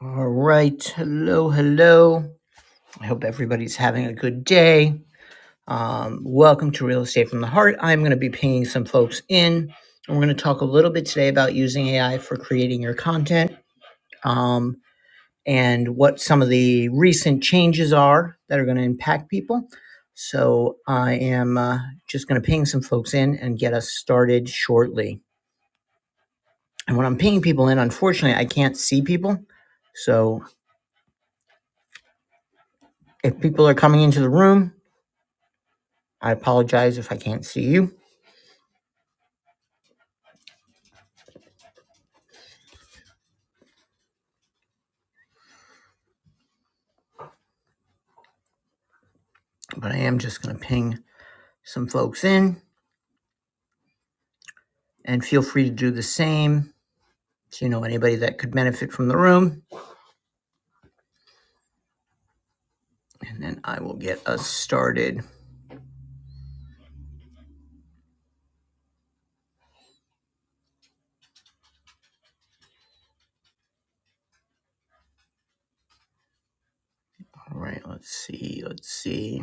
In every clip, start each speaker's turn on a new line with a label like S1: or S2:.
S1: All right. Hello, hello. I hope everybody's having a good day. Um, welcome to Real Estate from the Heart. I'm going to be pinging some folks in, and we're going to talk a little bit today about using AI for creating your content um, and what some of the recent changes are that are going to impact people. So I am uh, just going to ping some folks in and get us started shortly. And when I'm pinging people in, unfortunately, I can't see people. So if people are coming into the room, I apologize if I can't see you, but I am just going to ping some folks in and feel free to do the same. So you know anybody that could benefit from the room, and then I will get us started. All right, let's see, let's see.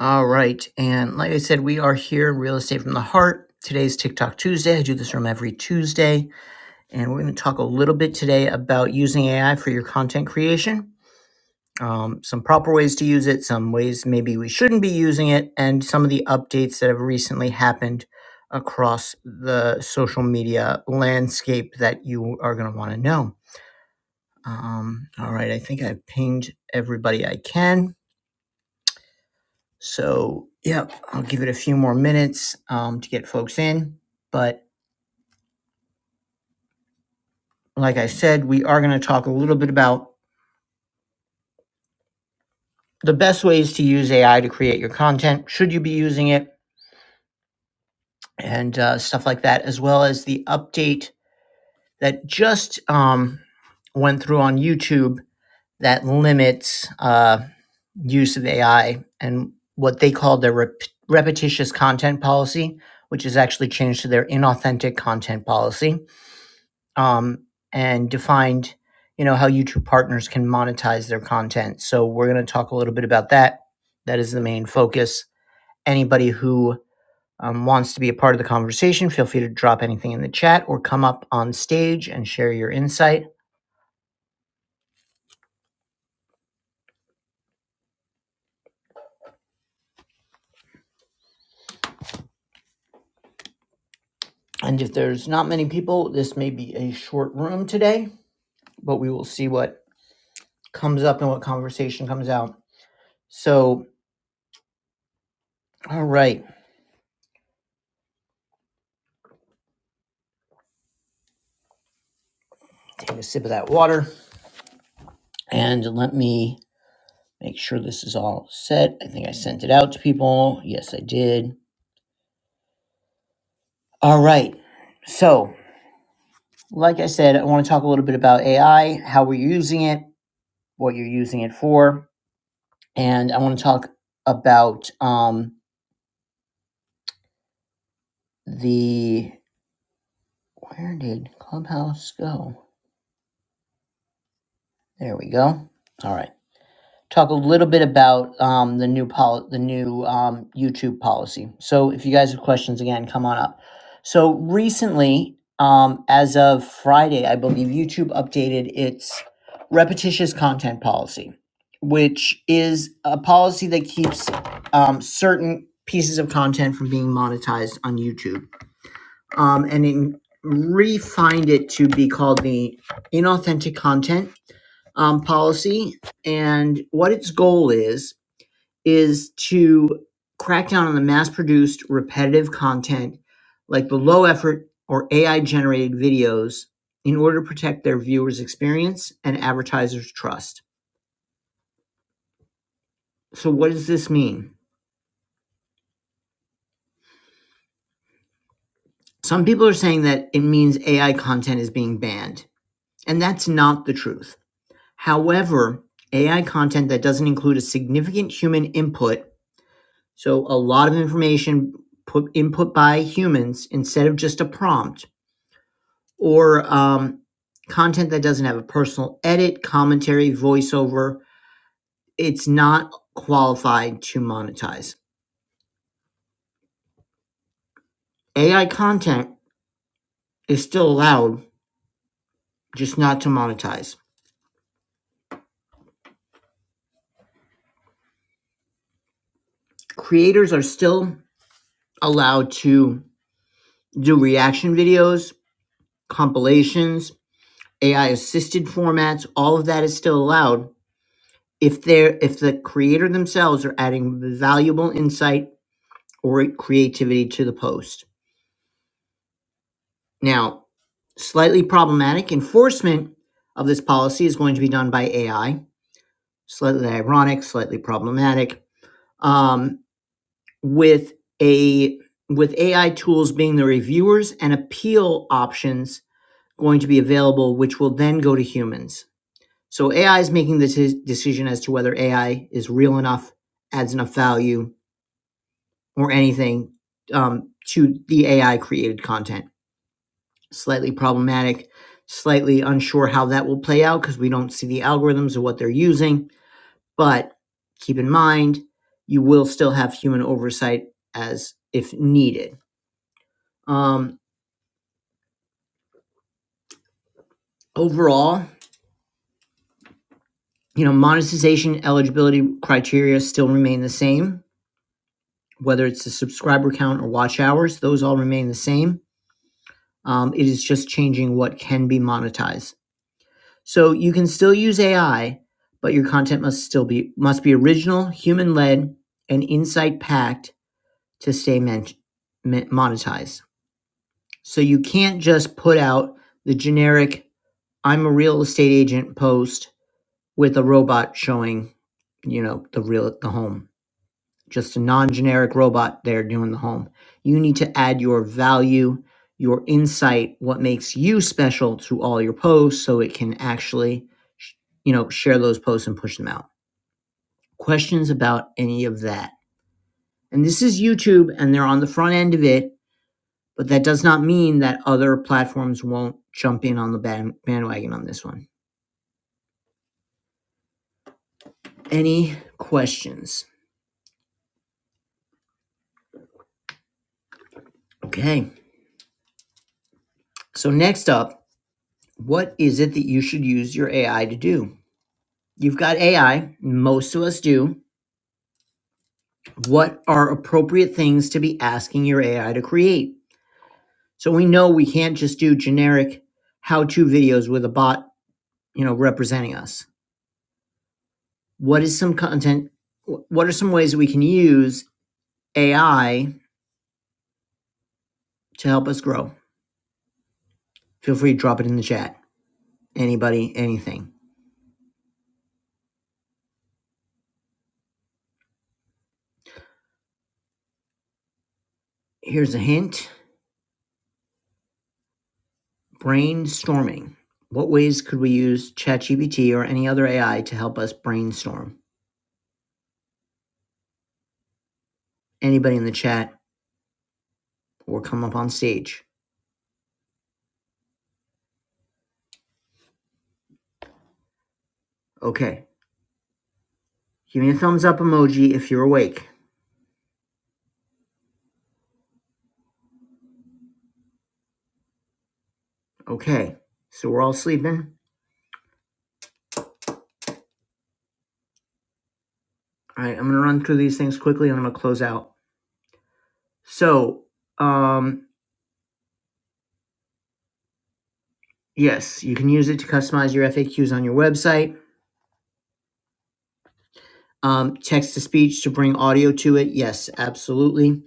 S1: All right, and like I said, we are here Real Estate from the Heart. Today's TikTok Tuesday. I do this room every Tuesday, and we're going to talk a little bit today about using AI for your content creation. um, some proper ways to use it, some ways maybe we shouldn't be using it, and some of the updates that have recently happened across the social media landscape that you are going to want to know. Um, all right, I think I've pinged everybody I can. So, yep, I'll give it a few more minutes um, to get folks in. But like I said, we are going to talk a little bit about the best ways to use AI to create your content. Should you be using it? And uh, stuff like that, as well as the update that just um, went through on YouTube that limits uh, use of AI and what they call their rep- repetitious content policy, which is actually changed to their inauthentic content policy, um, and defined, you know, how YouTube partners can monetize their content. So we're going to talk a little bit about that. That is the main focus. Anybody who um, wants to be a part of the conversation, feel free to drop anything in the chat or come up on stage and share your insight. And if there's not many people, this may be a short room today, but we will see what comes up and what conversation comes out. So, all right, take a sip of that water and let me make sure this is all set. I think I sent it out to people. Yes, I did. All right. So, like I said, I want to talk a little bit about AI, how we're using it, what you're using it for, and I want to talk about um, the where did Clubhouse go? There we go. All right. Talk a little bit about um, the new pol- the new um, YouTube policy. So if you guys have questions, again, come on up. So recently, um, as of Friday, I believe YouTube updated its repetitious content policy, which is a policy that keeps um, certain pieces of content from being monetized on YouTube um, and in, refined it to be called the inauthentic content um, policy. And what its goal is, is to crack down on the mass produced repetitive content like the low effort or AI generated videos in order to protect their viewers' experience and advertisers' trust. So, what does this mean? Some people are saying that it means AI content is being banned, and that's not the truth. However, AI content that doesn't include a significant human input, so a lot of information put input by humans instead of just a prompt, or um, content that doesn't have a personal edit, commentary, voiceover, it's not qualified to monetize. AI content is still allowed, just not to monetize. Creators are still allowed to do reaction videos, compilations, AI assisted formats, all of that is still allowed if they're if the creator themselves are adding valuable insight or creativity to the post. Now, slightly problematic enforcement of this policy is going to be done by AI. Slightly ironic, slightly problematic. Um, with a with AI tools being the reviewers and appeal options going to be available, which will then go to humans. So AI is making the t- decision as to whether AI is real enough, adds enough value, or anything um, to the AI created content. Slightly problematic, slightly unsure how that will play out because we don't see the algorithms or what they're using. But keep in mind, you will still have human oversight as if needed. Um, overall, you know, monetization eligibility criteria still remain the same. whether it's the subscriber count or watch hours, those all remain the same. Um, it is just changing what can be monetized. So you can still use AI, but your content must still be must be original, human led, and insight packed to stay men- monetized. So you can't just put out the generic "I'm a real estate agent" post with a robot showing, you know, the real the home just a non-generic robot there doing the home. You need to add your value, your insight, what makes you special to all your posts so it can actually you know share those posts and push them out. Questions about any of that. And this is YouTube and they're on the front end of it, but that does not mean that other platforms won't jump in on the bandwagon on this one. Any questions? Okay. So next up, what is it that you should use your AI to do? You've got AI, most of us do. What are appropriate things to be asking your AI to create? So we know we can't just do generic how-to videos with a bot, you know, representing us. What is some content what are some ways that we can use AI to help us grow? Feel free to drop it in the chat. Anybody, anything. Here's a hint. Brainstorming. What ways could we use ChatGPT or any other AI to help us brainstorm? Anybody in the chat or come up on stage. Okay. Give me a thumbs up emoji if you're awake. Okay. So we're all sleeping. All right. I'm going to run through these things quickly and I'm going to close out. So, um, yes, you can use it to customize your FAQs on your website. Um, text to speech to bring audio to it. Yes, absolutely.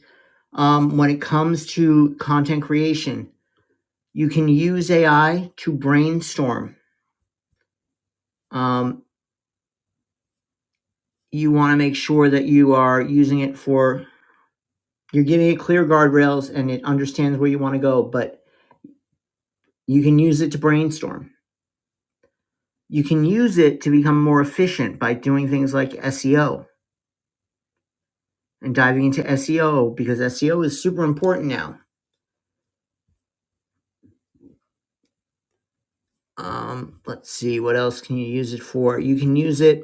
S1: Um, when it comes to content creation, you can use AI to brainstorm. Um, you want to make sure that you are using it for You're giving it clear guardrails and it understands where you want to go, but you can use it to brainstorm. You can use it to become more efficient by doing things like SEO and diving into SEO because SEO is super important now. Um, let's see, what else can you use it for? You can use it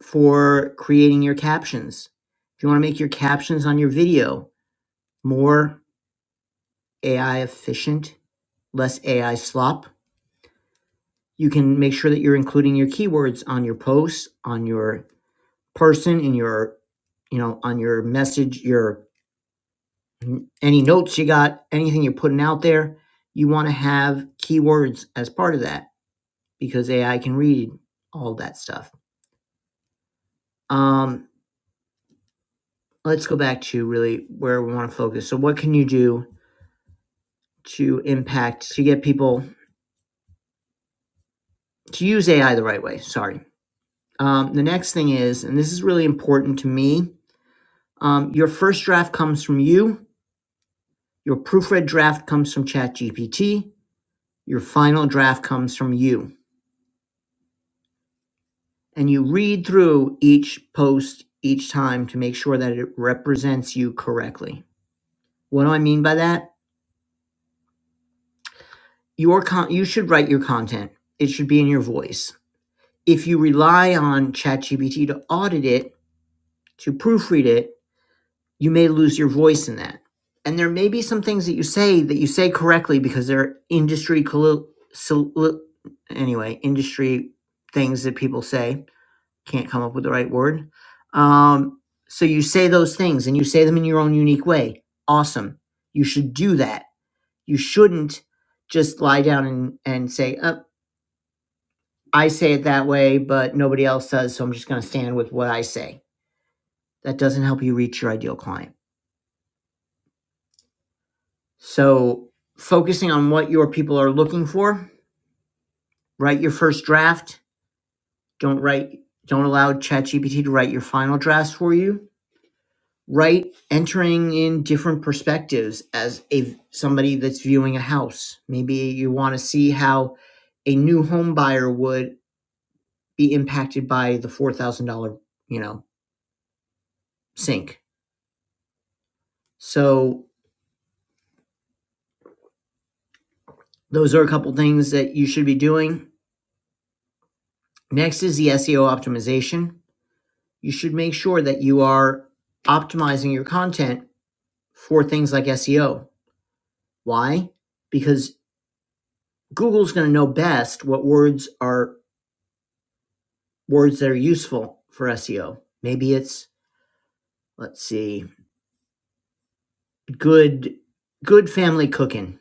S1: for creating your captions. If you want to make your captions on your video more AI efficient, less AI slop, you can make sure that you're including your keywords on your posts, on your person in your you know on your message your any notes you got anything you're putting out there you want to have keywords as part of that because ai can read all that stuff um let's go back to really where we want to focus so what can you do to impact to get people to use ai the right way sorry um, the next thing is and this is really important to me um, your first draft comes from you your proofread draft comes from chat gpt Your final draft comes from you. And you read through each post each time to make sure that it represents you correctly. What do I mean by that? Your con- you should write your content. It should be in your voice. If you rely on ChatGPT to audit it, to proofread it, you may lose your voice in that. And there may be some things that you say that you say correctly because they're industry collo- sol- anyway, industry things that people say can't come up with the right word. Um, so you say those things and you say them in your own unique way. Awesome. You should do that. You shouldn't just lie down and, and say, uh, I say it that way, but nobody else does. So I'm just going to stand with what I say. That doesn't help you reach your ideal client. So focusing on what your people are looking for, write your first draft. Don't write, don't allow ChatGPT to write your final drafts for you right entering in different perspectives as a somebody that's viewing a house maybe you want to see how a new home buyer would be impacted by the $4000 you know sink so those are a couple things that you should be doing next is the seo optimization you should make sure that you are optimizing your content for things like seo why because google's going to know best what words are words that are useful for SEO. Maybe it's let's see, good good family cooking.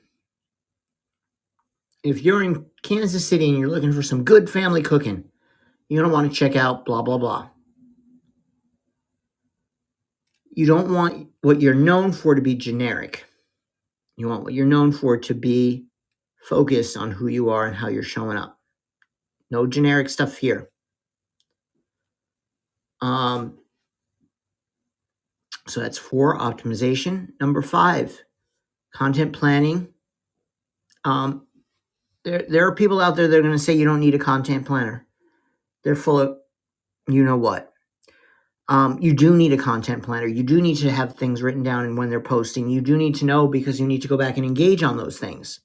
S1: If you're in Kansas City and you're looking for some good family cooking, you don't want to check out blah blah blah. You don't want what you're known for to be generic. You want what you're known for to be focused on who you are and how you're showing up. No generic stuff here. Um, so that's four optimization. Number five, content planning. Um, there, there are people out there that are going to say you don't need a content planner They're full of you know what. Um, you do need a content planner. You do need to have things written down and when they're posting. You do need to know because you need to go back and engage on those things.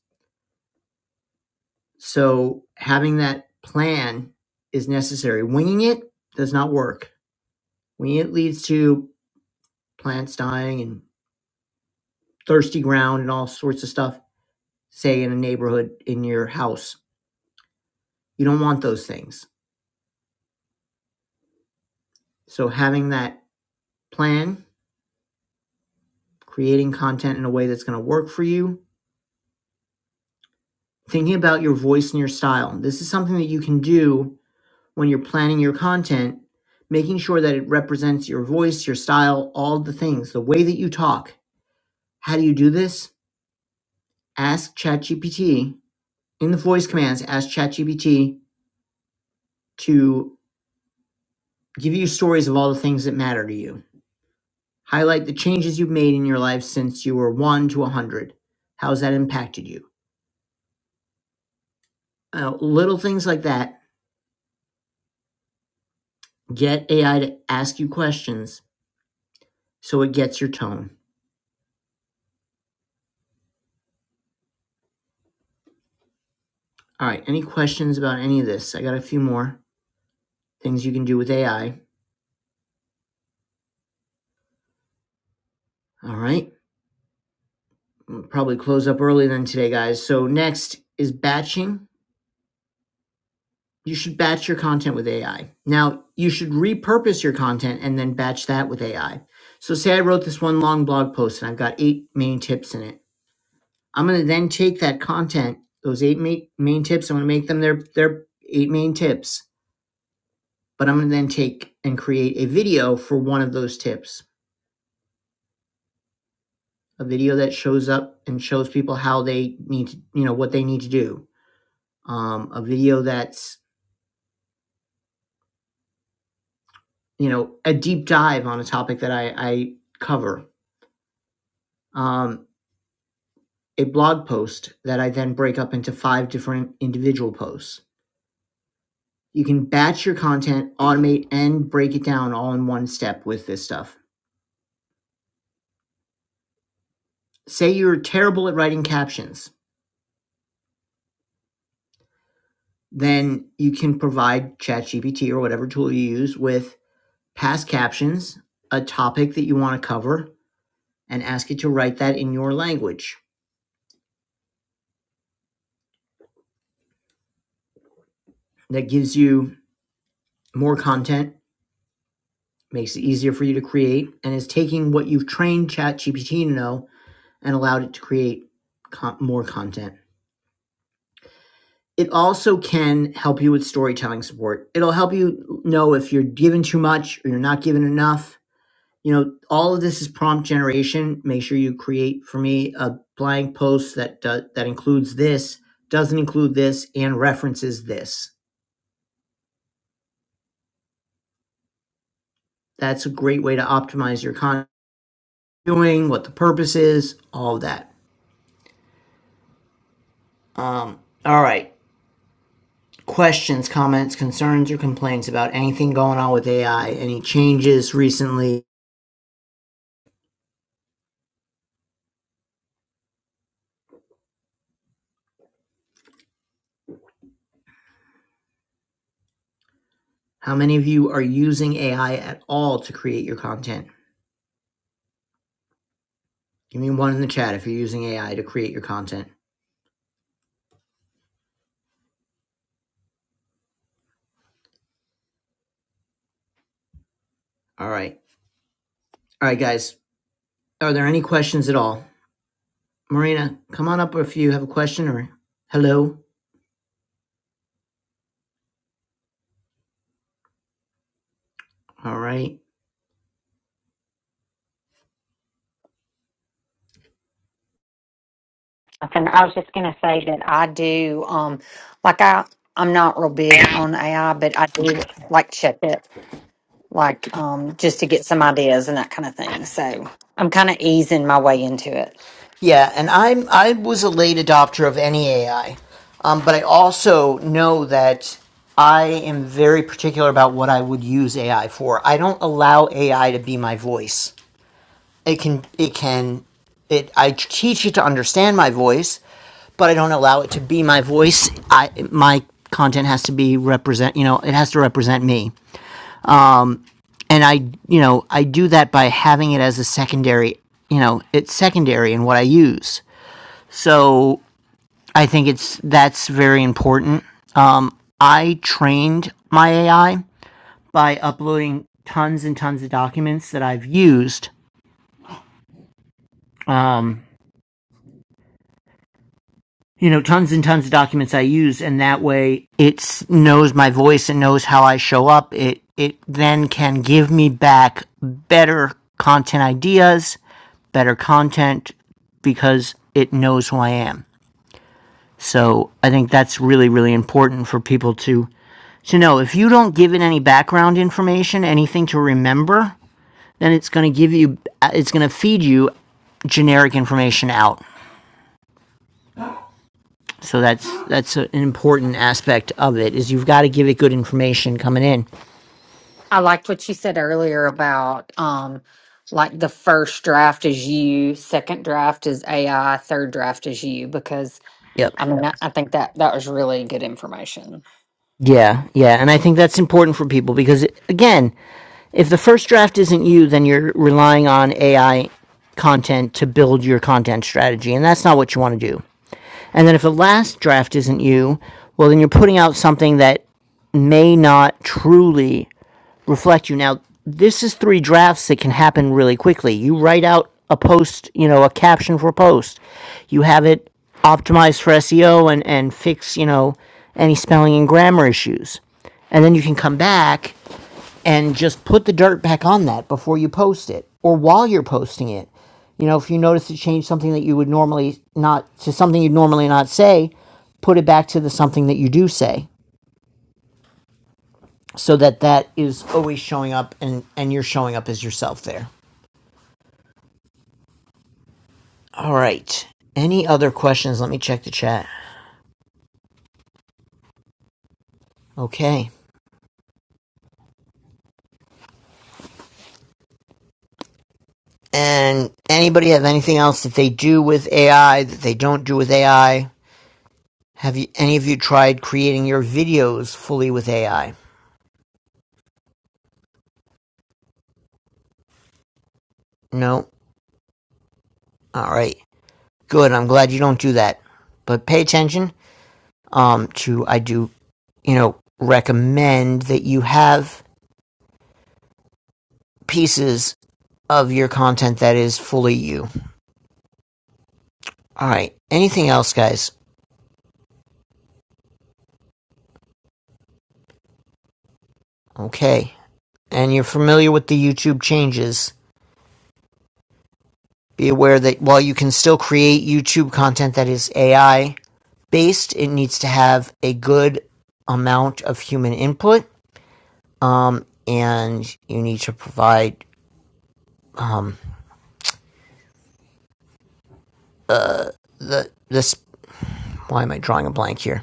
S1: So having that plan is necessary. Winging it does not work. Winging it leads to plants dying and thirsty ground and all sorts of stuff, say in a neighborhood in your house. You don't want those things. So having that plan, creating content in a way that's going to work for you, thinking about your voice and your style. This is something that you can do when you're planning your content, making sure that it represents your voice, your style, all the things, the way that you talk. How do you do this? Ask ChatGPT in the voice commands, ask ChatGPT to give you stories of all the things that matter to you. Highlight the changes you've made in your life since you were 1 to 100. How has that impacted you? Uh, little things like that get AI to ask you questions so it gets your tone. All right. Any questions about any of this? I got a few more things you can do with AI. All right. We'll probably close up early then today, guys. So next is batching. You should batch your content with AI. Now, you should repurpose your content and then batch that with AI. So say I wrote this one long blog post and I've got eight main tips in it. I'm going to then take that content, those eight main, main tips, I'm going to make them their, their eight main tips, but I'm going to then take and create a video for one of those tips. a video that shows up and shows people how they need to, you know, what they need to do. Um, a video that's, you know, a deep dive on a topic that I, I cover. Um, a blog post that I then break up into five different individual posts. You can batch your content, automate, and break it down all in one step with this stuff. Say you're terrible at writing captions, then you can provide ChatGPT or whatever tool you use with past captions, a topic that you want to cover, and ask it to write that in your language. That gives you more content, makes it easier for you to create, and is taking what you've trained ChatGPT to know and allowed it to create con- more content. It also can help you with storytelling support. It'll help you know if you're given too much or you're not given enough. You know, all of this is prompt generation. Make sure you create for me a blank post that do- that includes this, doesn't include this, and references this That's a great way to optimize your content, doing what the purpose is, all of that. Um, all right. Questions, comments, concerns, or complaints about anything going on with AI? Any changes recently? How many of you are using AI at all to create your content? Give me one in the chat if you're using AI to create your content. All right. All right, guys. Are there any questions at all? Marina, come on up if you have a question or hello. All right.
S2: Nothing. I was just gonna say that I do um like I I'm not real big on AI, but I do like check it like um just to get some ideas and that kind of thing. So I'm kind of easing my way into it.
S1: Yeah, and I'm I was a late adopter of any AI, um, but I also know that I am very particular about what I would use AI for. I don't allow AI to be my voice. It can it can it I teach it to understand my voice, but I don't allow it to be my voice. I my content has to be represent. You know, it has to represent me, and I you know I do that by having it as a secondary. You know, it's secondary in what I use. So I think it's that's very important. Um, I trained my AI by uploading tons and tons of documents that I've used. Um, you know, tons and tons of documents I use, and that way it knows my voice and knows how I show up. It it then can give me back better content ideas, better content because it knows who I am. So I think that's really, really important for people to to know. If you don't give it any background information, anything to remember, then it's going to give you, it's going to feed you generic information out. So that's that's an important aspect of it is you've got to give it good information coming in.
S2: I liked what you said earlier about um like the first draft is you, second draft is AI, third draft is you because
S1: Yep.
S2: I mean, I, I think that that was really good information.
S1: Yeah, yeah, and I think that's important for people because it, again, if the first draft isn't you, then you're relying on AI content to build your content strategy, and that's not what you want to do. And then if the last draft isn't you, well, then you're putting out something that may not truly reflect you. Now, this is three drafts that can happen really quickly. You write out a post, you know, a caption for a post. You have it optimized for SEO and, and fix, you know, any spelling and grammar issues. And then you can come back and just put the dirt back on that before you post it or while you're posting it. You know, if you notice to change something that you would normally not to something you'd normally not say, put it back to the something that you do say so that that is always showing up and and you're showing up as yourself there. All right. Any other questions? Let me check the chat. Okay. And anybody have anything else that they do with AI that they don't do with AI? Have you any of you tried creating your videos fully with AI? No. All right. Good. I'm glad you don't do that. But pay attention um to I do, you know, recommend that you have pieces of your content that is fully you. All right. Anything else, guys? Okay. And you're familiar with the YouTube changes. Be aware that while you can still create YouTube content that is AI based, it needs to have a good amount of human input and you need to provide this why am I drawing a blank here?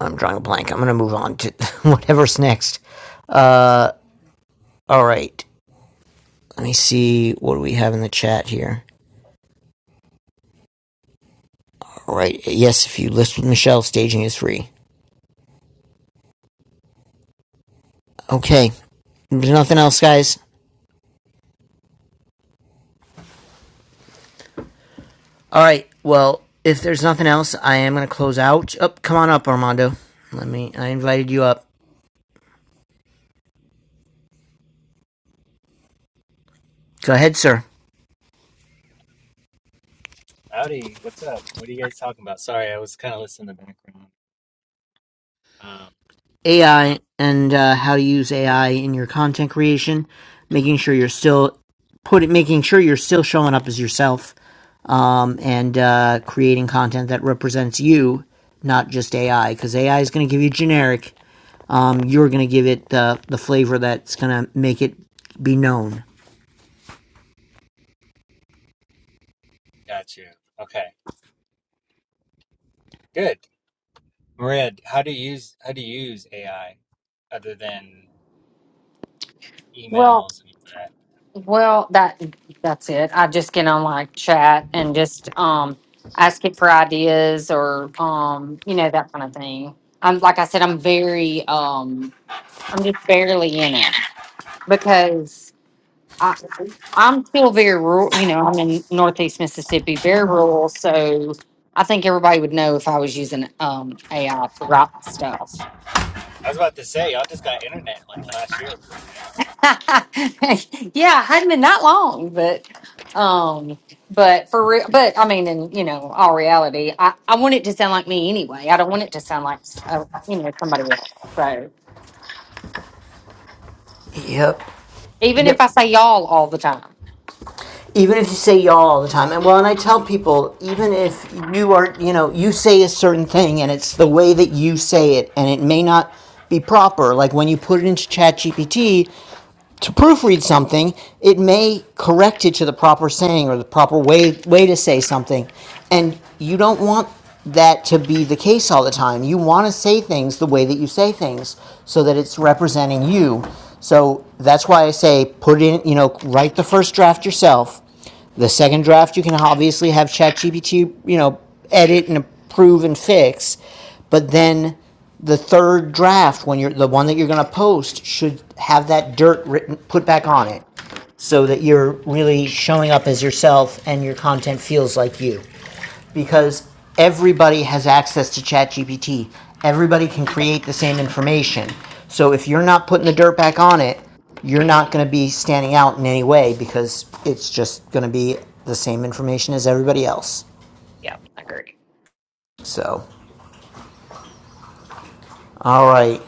S1: I'm drawing a blank. I'm going to move on to whatever's next. All right. Let me see what do we have in the chat here. All right. Yes, if you list with Michelle, staging is free. Okay. There's nothing else, guys. All right. Well, if there's nothing else, I am going to close out. Up, come on up, Armando. Let me. I invited you up. Go ahead, sir. AI and uh, how to use AI in your content creation, making sure you're still putting, making sure you're still showing up as yourself, um, and uh, creating content that represents you, not just AI, because AI is going to give you generic. Um, you're going to give it the the flavor that's going to make it be known.
S2: Well, well, that that's it. I just get on like chat and just um ask it for ideas or um you know that kind of thing. I'm like I said, I'm very um I'm just barely in it because I, I'm still very rural, you know, I'm in Northeast Mississippi, very rural. So I think everybody would know if I was using um, AI to write my stuff. yeah, it hadn't been that long, but, um, but for real, but I mean, in, you know, all reality, I, I want it to sound like me anyway. I don't want it to sound like, uh, you know, somebody else. So
S1: Yep.
S2: even if
S1: Yep.
S2: I say y'all all the time.
S1: even if you say y'all all the time and well and i tell people even if you are you know you say a certain thing and it's the way that you say it and it may not be proper like when you put it into ChatGPT to proofread something it may correct it to the proper saying or the proper way way to say something and you don't want that to be the case all the time you want to say things the way that you say things so that it's representing you so that's why i say put in you know write the first draft yourself the second draft you can obviously have ChatGPT, you know, edit and approve and fix, but then the third draft when you're the one that you're going to post should have that dirt written put back on it so that you're really showing up as yourself and your content feels like you because everybody has access to ChatGPT. Everybody can create the same information. So if you're not putting the dirt back on it, you're not going to be standing out in any way because it's just going to be the same information as everybody else.
S2: Yeah, I agree.
S1: So, all right.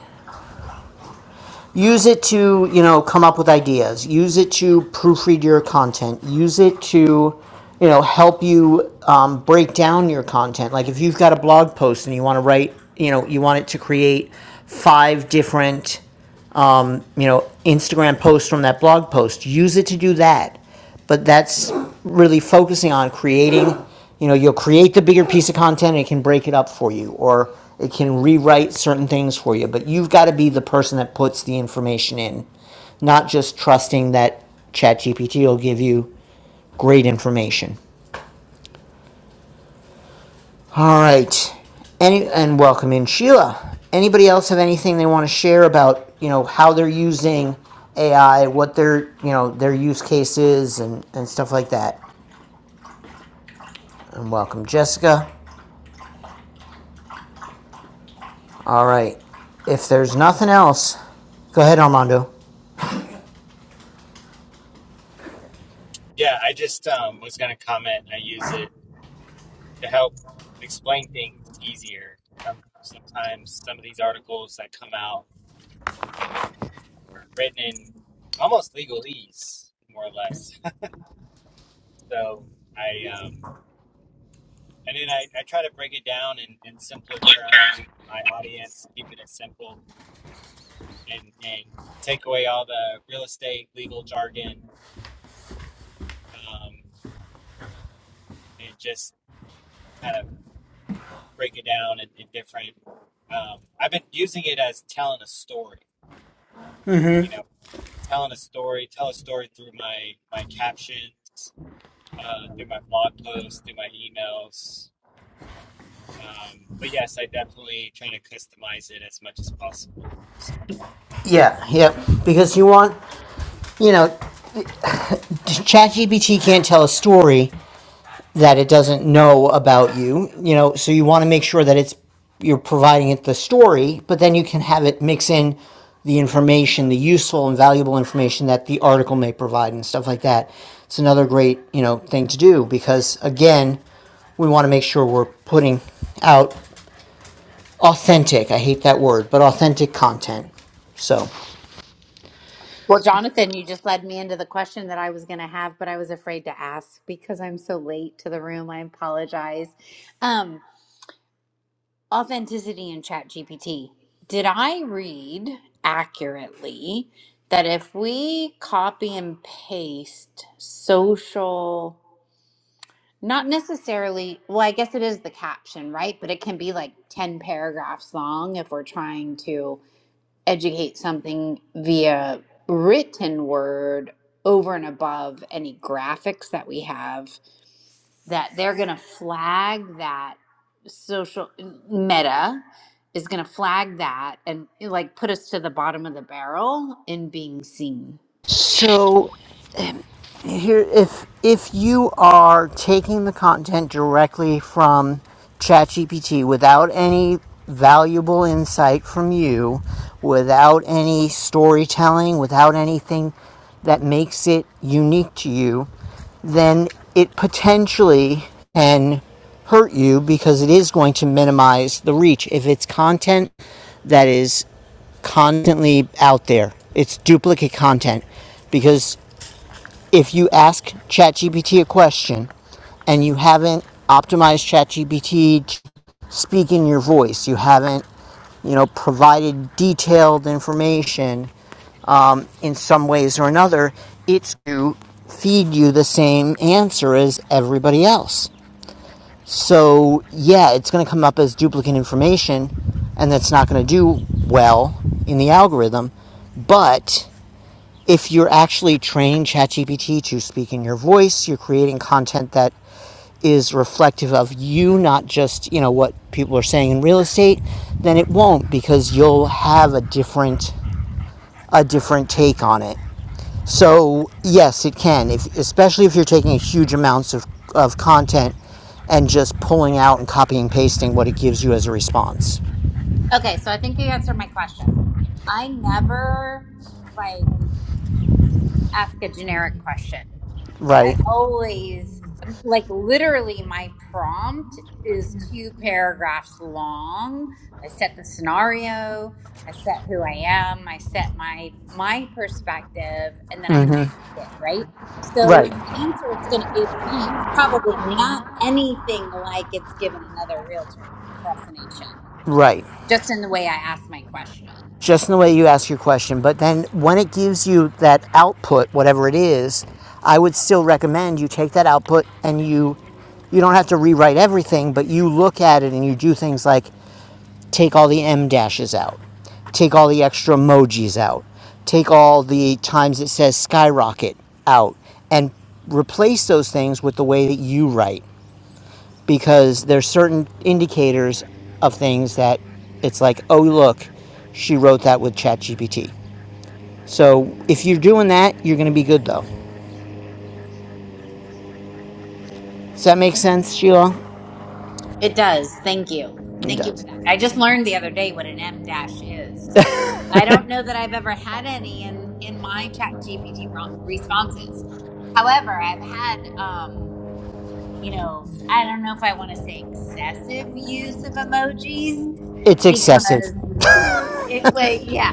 S1: use it to you know come up with ideas use it to proofread your content use it to you know help you um, break down your content like if you've got a blog post and you want to write you know you want it to create five different you know, Instagram post from that blog post. Use it to do that. But that's really focusing on creating, you know, you'll create the bigger piece of content and it can break it up for you or it can rewrite certain things for you. But you've got to be the person that puts the information in, not just trusting that ChatGPT will give you great information. All right. Any and welcome in Sheila. Anybody else have anything they want to share about, you know, how they're using AI, what their, you know, their use cases and and stuff like that. And welcome Jessica. All right. If there's nothing else, go ahead Armando. Yeah, yep. Because you want, you know, ChatGPT can't tell a story, that it doesn't know about you, you know, so you want to make sure that it's you're providing it the story, but then you can have it mix in the information, the useful and valuable information that the article may provide and stuff like that. It's another great, you know, thing to do because again, we want to make sure we're putting out authentic, I hate that word, but authentic content. So,
S3: Well, Jonathan, you just led me into the question that I was going to have, but I was afraid to ask because I'm so late to the room. I apologize. Um, authenticity in ChatGPT. Did I read accurately that if we copy and paste social, not necessarily, well, I guess it is the caption, right? But it can be like 10 paragraphs long if we're trying to educate something via written word over and above any graphics that we have that they're going to flag that social meta is going to flag that and like put us to the bottom of the barrel in being seen
S1: so here if if you are taking the content directly from ChatGPT without any valuable insight from you, without any storytelling, without anything that makes it unique to you, then it potentially can hurt you because it is going to minimize the reach if it's content that is constantly out there. It's duplicate content because if you ask ChatGPT a question and you haven't optimized ChatGPT to speak in your voice, you haven't, you know, provided detailed information in some ways or another, it's to feed you the same answer as everybody else. So, yeah, it's going to come up as duplicate information and that's not going to do well in the algorithm, but if you're actually training ChatGPT to speak in your voice, you're creating content that is reflective of you, not just, you know, what people are saying in real estate, then it won't because you'll have a different a different take on it. So, yes, it can. If especially if you're taking huge amounts of of content and just pulling out and copying and pasting what it gives you as a response.
S3: okay so i think you answered my question i never like ask a generic question I
S1: Right.
S3: always like literally my prompt is two paragraphs long. I set the scenario, I set who I am, I set my my perspective, and then I ask it, right? So
S1: Right.
S3: the answer it's going to give me is probably not anything like it's given another realtor across the nation,
S1: Right.
S3: just in the way I ask my question.
S1: just in the way you ask your question. But then when it gives you that output, whatever it is, I would still recommend you take that output and you you don't have to rewrite everything, but you look at it and you do things like take all the M dashes out, take all the extra emojis out, take all the times it says skyrocket out, and replace those things with the way that you write because there's certain indicators of things that it's like, oh look, she wrote that with ChatGPT. So if you're doing that, you're going to be good though. Does that make sense, Sheila?
S3: It does. Thank you.
S1: It
S3: Thank you for
S1: does.
S3: that. I just learned the other day what an M dash is. I don't know that I've ever had any in in my Chat GPT ro- responses. However, I've had, um, you know, I don't know if I want to say excessive use of emojis
S1: It's excessive.
S3: because it, like, yeah,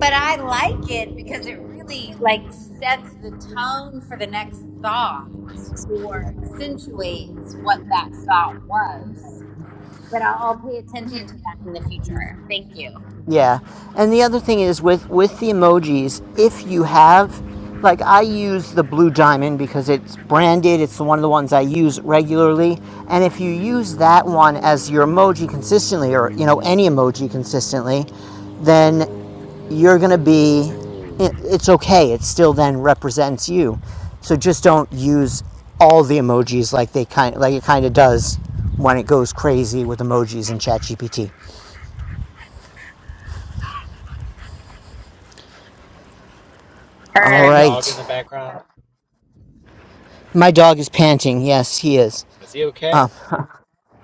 S3: but I like it because it really like sets the tone for the next thought or accentuates what that thought was. But I'll, I'll pay attention to that in the future. Thank you.
S1: Yeah. And the other thing is with with the emojis, if you have like I use the blue diamond because it's branded, it's one of the ones I use regularly, and if you use that one as your emoji consistently or you know any emoji consistently, then you're going to be it, it's okay. It still then represents you. So just don't use all the emojis like they kind like it kind of does when it goes crazy with emojis in ChatGPT. All
S3: Heard.
S1: right. My dog is panting. Yes, he is.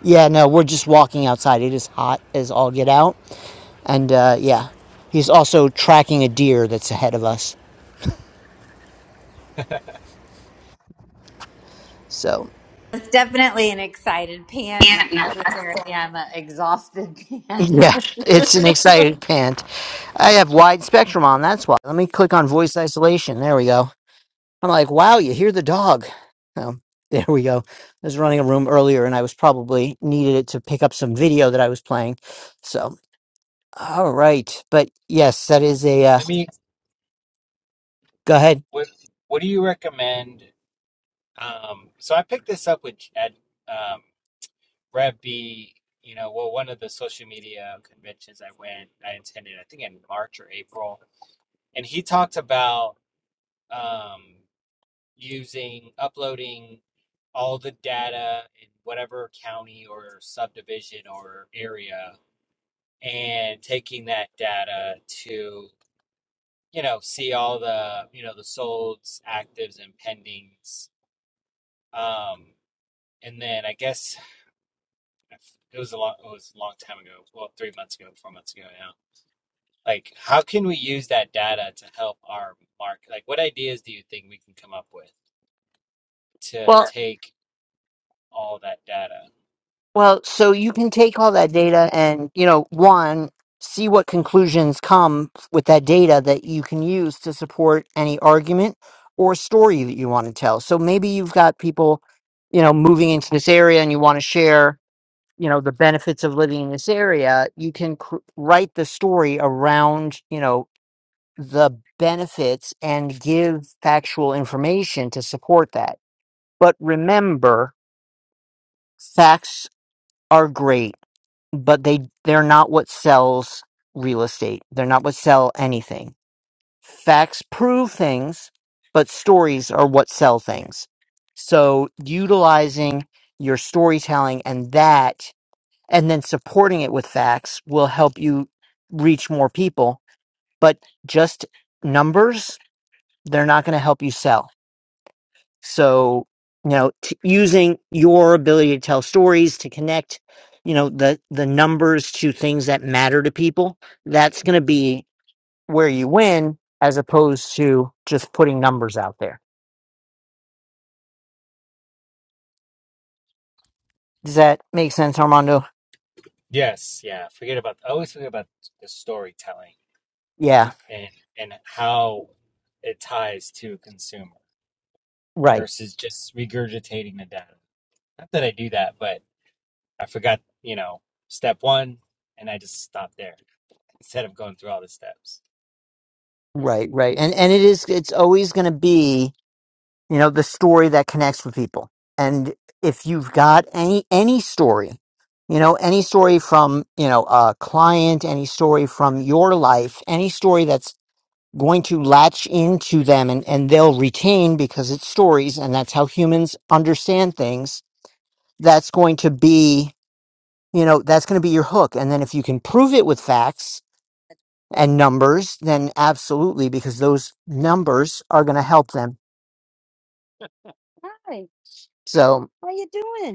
S1: Yeah, no, we're just walking outside. It is hot as all get out. And uh, yeah, he's also tracking a deer that's ahead of us. So
S3: It's definitely an excited pant, not
S1: yeah,
S3: necessarily I'm an exhausted pant.
S1: it's an excited pant. I have wide spectrum on. That's why. Let me click on voice isolation. There we go. I'm like, wow, you hear the dog. Um, there we go. I was running a room earlier, and I was probably needed it to pick up some video that I was playing. So, all right, but yes, that is a uh, go ahead. Well, so you can take all that data and, you know, one, see what conclusions come with that data that you can use to support any argument or story that you want to tell. So maybe you've got people, you know, moving into this area and you want to share, you know, the benefits of living in this area. You can cr- write the story around, you know, the benefits and give factual information to support that. But remember, facts are great but they they're not what sells real estate. They're not what sell anything. Facts prove things, but stories are what sell things. So utilizing your storytelling and that and then supporting it with facts will help you reach more people, but just numbers they're not going to help you sell. So, you know, t- using your ability to tell stories to connect, you know, the the numbers to things that matter to people, that's going to be where you win as opposed to just putting numbers out there. Does that make sense, Armando? Yeah, right. Right, right. And and it is it's always going to be you know the story that connects with people and if you've got any any story you know any story from you know a client any story from your life any story that's going to latch into them and, and they'll retain because it's stories and that's how humans understand things that's going to be you know that's going to be your hook and then if you can prove it with facts and numbers then absolutely because those numbers are going to help them Hi, so how you doing?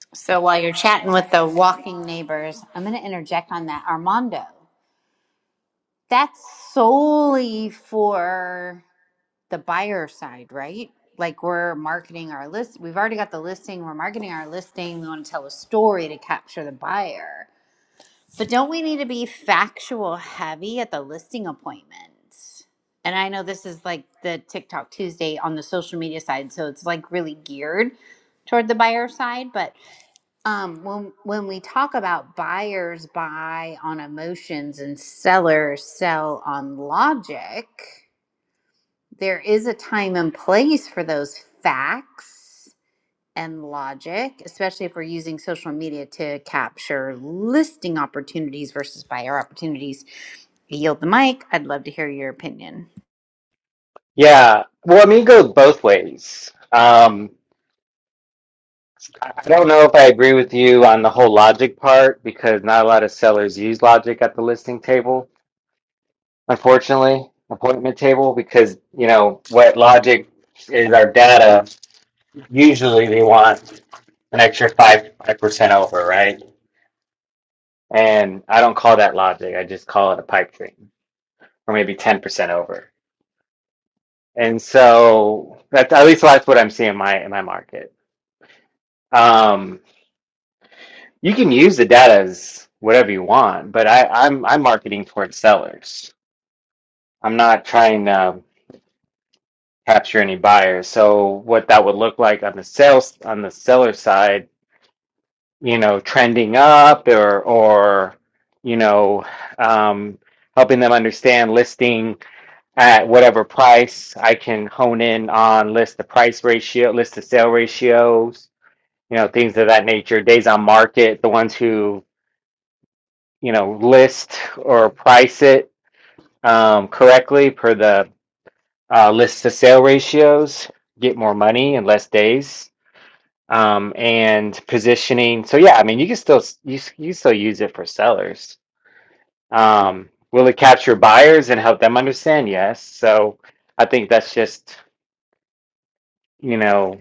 S3: so while you're chatting with the walking neighbors, I'm going to interject on that. Armando, that's solely for the buyer side, right? Like we're marketing our list. We've already got the listing. We're marketing our listing. We want to tell a story to capture the buyer. But don't we need to be factual heavy at the listing appointment? And I know this is like the TikTok Tuesday on the social media side, so it's like really geared toward the buyer side. But um, when when we talk about buyers buy on emotions and sellers sell on logic, there is a time and place for those facts and logic, especially if we're using social media to capture listing opportunities versus buyer opportunities. I yield the mic. I'd love to hear your opinion.
S4: Yeah. Well, I mean, it goes both ways. Um, I don't know if I agree with you on the whole logic part because not a lot of sellers use logic at the listing table, unfortunately, appointment table, because, you know, what logic is our data, usually they want an extra 5, 5% over, right? And I don't call that logic. I just call it a pipe dream or maybe 10% over. And so that's at least that's what I'm seeing in my in my market. Um, You can use the data as whatever you want, but I, I'm I'm marketing towards sellers. I'm not trying to capture any buyers. So what that would look like on the sales on the seller side, you know, trending up or or you know, um, helping them understand listing at whatever price. I can hone in on list the price ratio, list the sale ratios, you know, things of that nature. Days on market, the ones who you know, list or price it um, correctly per the uh, list to sale ratios, get more money in less days, um, and positioning. So yeah, I mean, you can still you you still use it for sellers. Um, will it capture buyers and help them understand? Yes. So I think that's just you know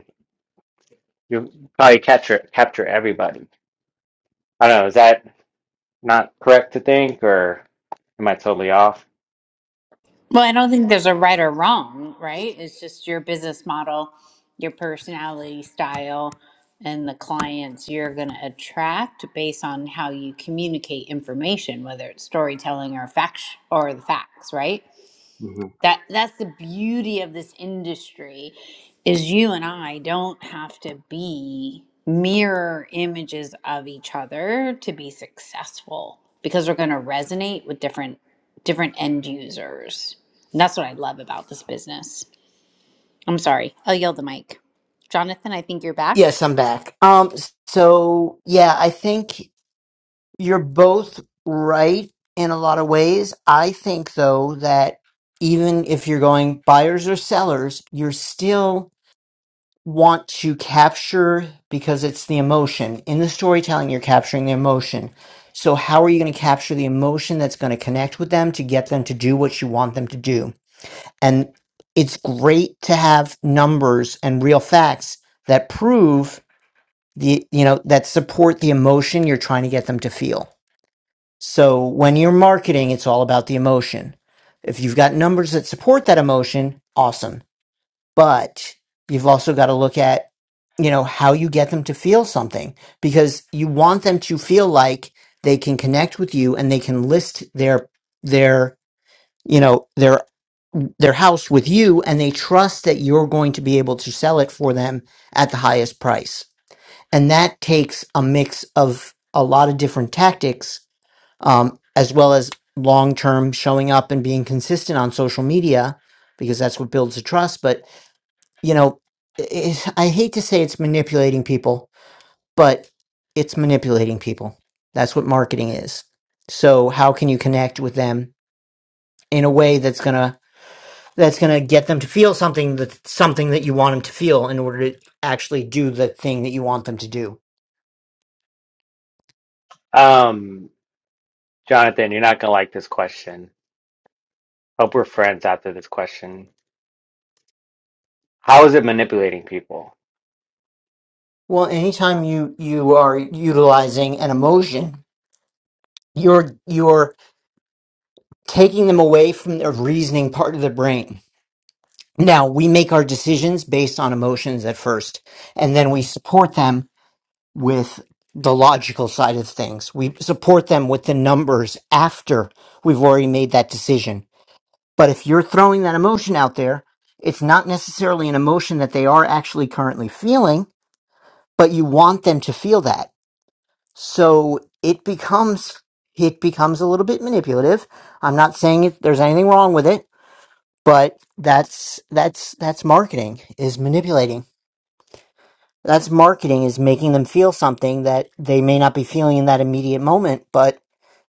S4: you probably capture capture everybody. I don't know. Is that not correct to think, or am I totally off?
S3: Well, I don't think there's a right or wrong, right? It's just your business model, your personality style, and the clients you're going to attract based on how you communicate information, whether it's storytelling or facts or the facts, right?
S4: Mhm.
S3: that that's the beauty of this industry is you and i don't have to be mirror images of each other to be successful because we're going to resonate with different different end users and that's what i love about this business i'm sorry i'll yield the mic jonathan i think you're back
S1: Yes, I'm back. Um, so yeah, I think you're both right in a lot of ways. I think though that even if you're going buyers or sellers, you're still want to capture because it's the emotion. In the storytelling, you're capturing the emotion. So how are you going to capture the emotion that's going to connect with them to get them to do what you want them to do? And it's great to have numbers and real facts that prove the you know that support the emotion you're trying to get them to feel so when you're marketing it's all about the emotion if you've got numbers that support that emotion awesome but you've also got to look at you know how you get them to feel something because you want them to feel like they can connect with you and they can list their their you know their their house with you and they trust that you're going to be able to sell it for them at the highest price and that takes a mix of a lot of different tactics um, as well as long term showing up and being consistent on social media because that's what builds the trust but you know i i hate to say it's manipulating people but it's manipulating people that's what marketing is so how can you connect with them in a way that's going to that's going to get them to feel something that something that you want them to feel in order to actually do the thing that you want them to do.
S4: Um, Jonathan, you're not gonna like this question. Hope we're friends after this question. How is it manipulating people?
S1: Well, anytime you you are utilizing an emotion, you're you're taking them away from the reasoning part of the brain. Now, we make our decisions based on emotions at first, and then we support them with the logical side of things. We support them with the numbers after we've already made that decision. But if you're throwing that emotion out there, it's not necessarily an emotion that they are actually currently feeling, but you want them to feel that. So it becomes it becomes a little bit manipulative. I'm not saying it, there's anything wrong with it, but that's that's that's marketing is manipulating That's marketing is making them feel something that they may not be feeling in that immediate moment, but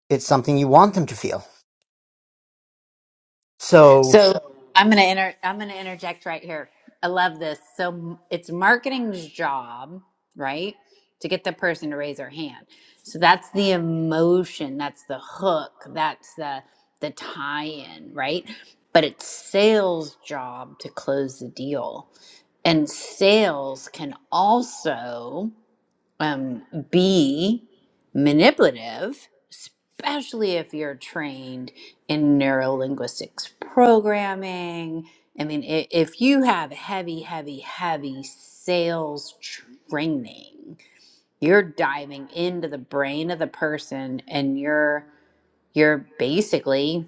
S1: it's something you want them to feel. So,
S3: So I'm going to inter- I'm going to interject right here. I love this. So m- it's marketing's job, right, to get the person to raise their hand. So that's the emotion, that's the hook, that's the the tie-in, right? But it's sales' job to close the deal. And sales can also um, be manipulative, especially if you're trained in neurolinguistics programming. I mean, i- if you have heavy, heavy, heavy sales training, you're diving into the brain of the person and you're you're basically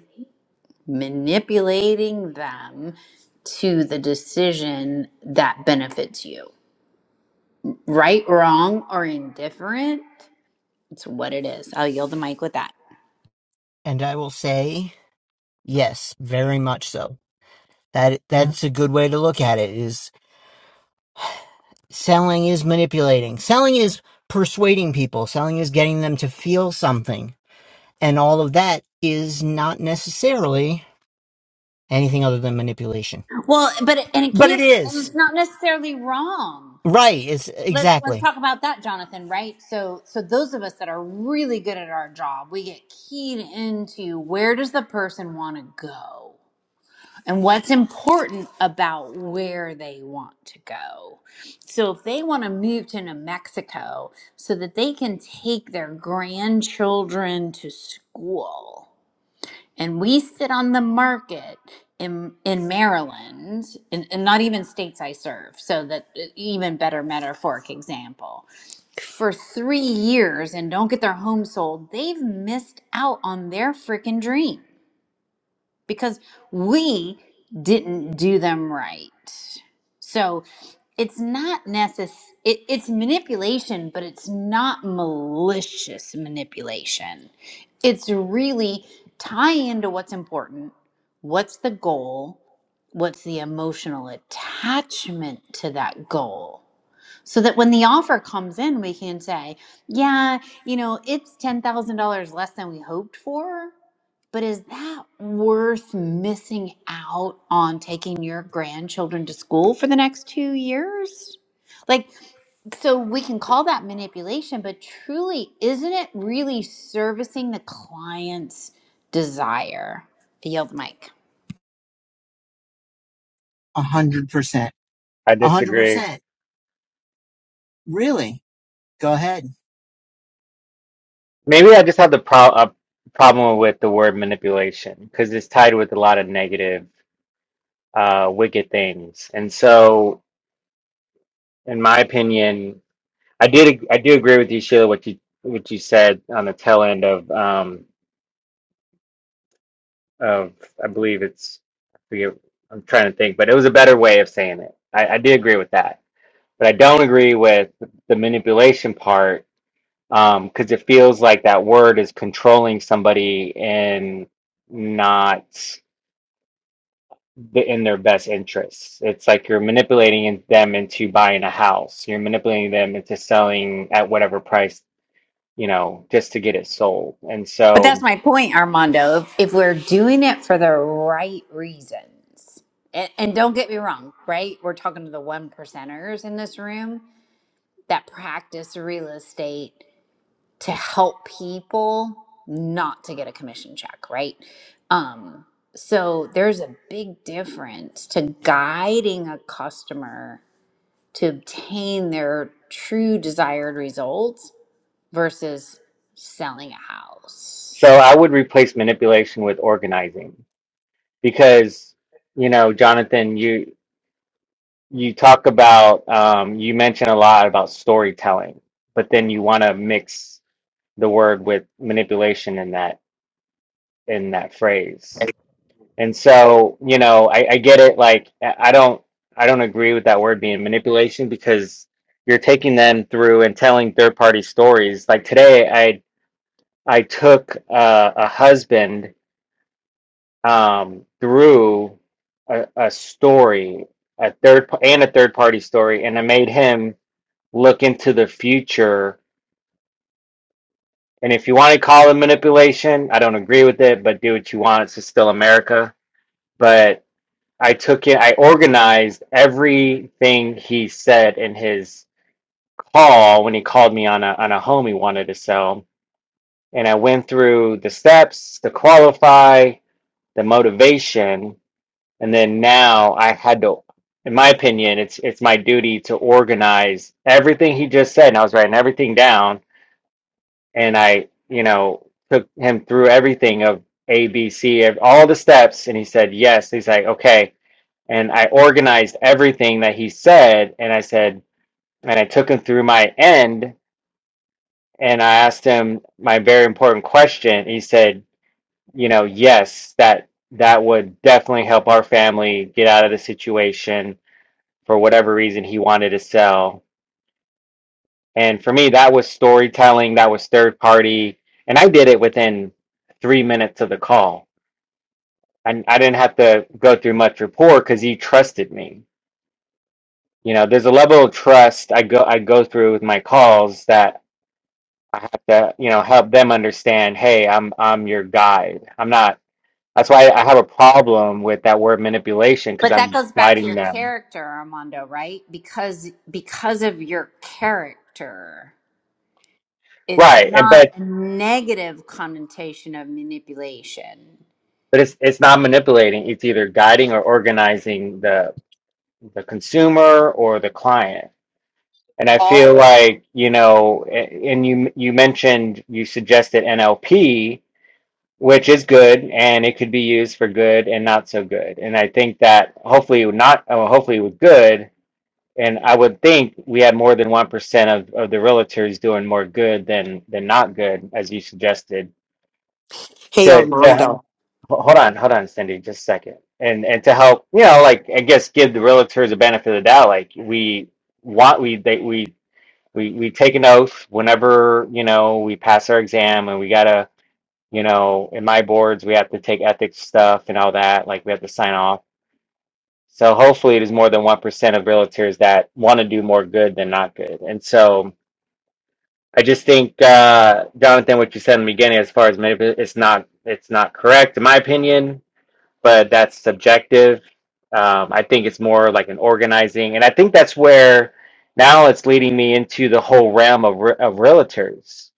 S3: manipulating them to the decision that benefits you right, wrong, or indifferent. It's what it is. I'll yield the mic with that.
S1: and I will say, yes, very much so. That that's a good way to look at it is selling is manipulating. Selling is persuading people. Selling is getting them to feel something. And all of that is not necessarily anything other than manipulation.
S3: Well, but it, and it
S1: But it
S3: can't. And
S1: is.
S3: it's not necessarily wrong.
S1: Right, it's
S3: Let's let's
S1: exactly.
S3: talk about that, Jonathan. Right. So so those of us that are really good at our job, we get keyed into where does the person want to go and what's important about where they want to go. So if they want to move to New Mexico so that they can take their grandchildren to school and we sit on the market in in Maryland, and, and not even states I serve, so that uh, even better metaphoric example. For three years and don't get their home sold, they've missed out on their freaking dream because we didn't do them right. So it's not necess it, it's manipulation, but it's not malicious manipulation. It's really tie into what's important, what's the goal, what's the emotional attachment to that goal so that when the offer comes in, we can say, yeah, you know, it's $10,000 less than we hoped for, but is that worth missing out on taking your grandchildren to school for the next two years? Like, so we can call that manipulation, but truly, isn't it really servicing the client's desire? I yield Mike.
S1: A hundred percent.
S4: I
S1: A hundred
S4: disagree.
S1: percent. Really? Go ahead.
S4: Maybe I just have the pro a problem with the word manipulation because it's tied with a lot of negative, uh, wicked things. And so, in my opinion, I did I do agree with you, Sheila, what you what you said on the tail end of um. of I believe it's I forget I'm trying to think, but it was a better way of saying it. I, I did agree with that, but I don't agree with the manipulation part um, because it feels like that word is controlling somebody and not the- in their best interests. It's like you're manipulating in- them into buying a house. You're manipulating them into selling at whatever price, you know, just to get it sold. And
S3: But that's
S4: so,
S3: my point, Armando. If, if we're doing it for the right reasons, and, and don't get me wrong, right? We're talking to the one percenters in this room that practice real estate to help people not to get a commission check, right? Um, so there's a big difference to guiding a customer to obtain their true desired results versus selling a
S4: so
S3: house.
S4: I would replace manipulation with organizing because you know jonathan you you talk about um, you mention a lot about storytelling but then you want to mix the word with manipulation in that in that phrase and so you know I, I get it like i I don't i don't agree with that word being manipulation because you're taking them through and telling third party stories like today i i took uh, a husband um, through a, a story, a third pa- and a third party story, and I made him look into the future. And if you want to call it manipulation, I don't agree with it, but do what you want. It's still America. But I took it. I organized everything he said in his call when he called me on a on a home he wanted to sell, and I went through the steps to qualify, the motivation, And then now I had to, in my opinion, it's it's my duty to organize everything he just said. And I was writing everything down, and I, you know, took him through everything of A, B, C, ev- all the steps, and he said yes. He's like, okay, and I organized everything that he said, and I said, and I took him through my end, and I asked him my very important question. He said, you know, yes, that that would definitely help our family get out of the situation for whatever reason he wanted to sell. And for me, that was storytelling, that was third party. And I did it within three minutes of the call. And I didn't have to go through much rapport because he trusted me. You know, there's a level of trust I go I go through with my calls that I have to, you know, help them understand, hey, I'm I'm your guide. I'm not that's why I have a problem with that word manipulation because
S3: But that
S4: I'm
S3: goes back to
S4: guiding
S3: your
S4: them.
S3: character, Armando, right? Because because of your character, it's
S4: Right. And
S3: not
S4: but
S3: a negative connotation of manipulation.
S4: but it's it's not manipulating it's either guiding or organizing the the consumer or the client and i
S1: Paul
S4: feel like you know and you you mentioned you suggested nlp which is good and it could be used for good and not so good and i think that hopefully not oh, hopefully it was good and i would think we had more than 1% of, of the realtors doing more good than than not good as you suggested
S5: Hey,
S4: to, to
S5: Armando.
S4: Ho- Hold on, hold on, Cindy, just a second. And and to help, you know, like I guess give the realtors the benefit of the doubt. Like we want, we they we we we take an oath whenever you know we pass our exam, and we gotta, you know, in my boards we have to take ethics stuff and all that. Like we have to sign off. So hopefully, it is more than one percent of realtors that want to do more good than not good. And so I just think, uh, Jonathan, what you said in the beginning, as far as manip- it's not it's not correct in my opinion but that's subjective. Um, I think it's more like an organizing, and I think that's where now it's leading me into the whole realm of re- of realtors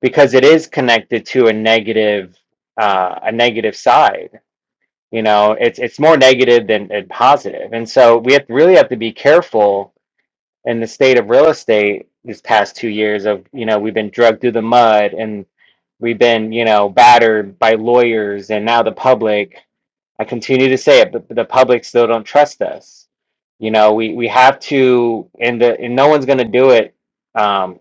S4: because it is connected to a negative uh, a negative side. You know, it's it's more negative than, than positive, and so we have really have to be careful in the state of real estate these past two years of you know we've been drugged through the mud and we've been you know battered by lawyers and now the public I continue to say it, but the public still don't trust us. You know, we we have to, and the and no one's going to do it. um,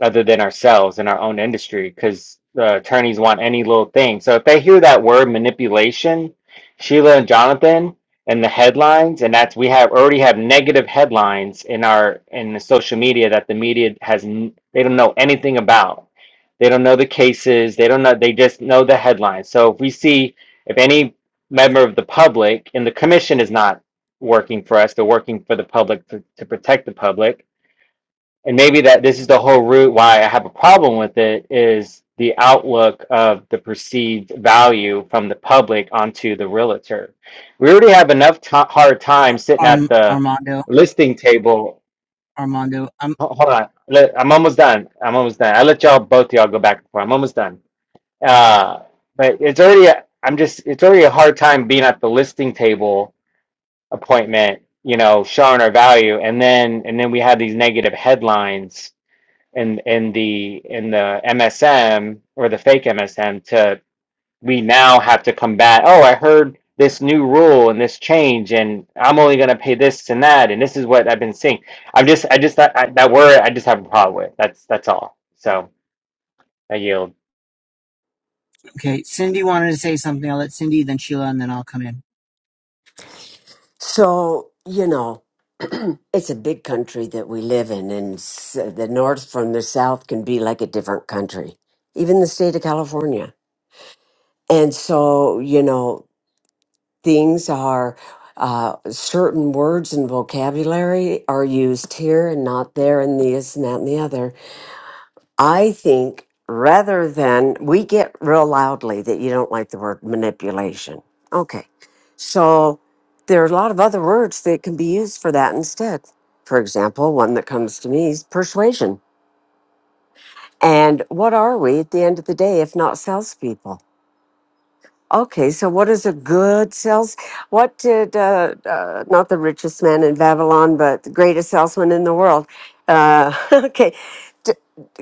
S4: other than ourselves in our own industry because the attorneys want any little thing. So if they hear that word manipulation, Sheila and Jonathan and the headlines, and that's we have already have negative headlines in our in the social media that the media has n- they don't know anything about. They don't know the cases. They don't know. They just know the headlines. So if we see if any member of the public and the commission is not working for us, they're working for the public to, to protect the public and maybe that this is the whole root why I have a problem with it is the outlook of the perceived value from the public onto the realtor. We already have enough ti hard
S1: uh,
S4: time sitting at
S1: Arm,
S4: the
S1: Armando
S4: listing table.
S1: Armando. Um,
S4: Ho- Hold on, Let- I'm almost done. I'm almost done. I let y'all both y'all go back and forth. I'm almost done. Uh, but it's already a, I'm just it's already a hard time being at the listing table appointment. You know, showing our value, and then and then we have these negative headlines in in the in the MSM or the fake MSM to we now have to combat. Oh, I heard this new rule and this change, and I'm only going to pay this and that, and this is what I've been seeing. I'm just I just that I, that word I just have a problem with. That's that's all. So I yield.
S1: okay. Cindy wanted to say something. I'll let Cindy, then Sheila, and then I'll come in.
S5: So, you know, it's a big country that we live in, and s- the North from the South can be like a different country, even the state of California. And so, you know, things are, uh, certain words and vocabulary are used here and not there, and this and that and the other. I think rather than we get real loudly that you don't like the word manipulation. Okay. So there are a lot of other words that can be used for that instead. For example, one that comes to me is persuasion. And what are we at the end of the day if not salespeople? Okay, so what is a good sales? What did uh, uh, not the richest man in Babylon, but the greatest salesman in the world? Uh, okay,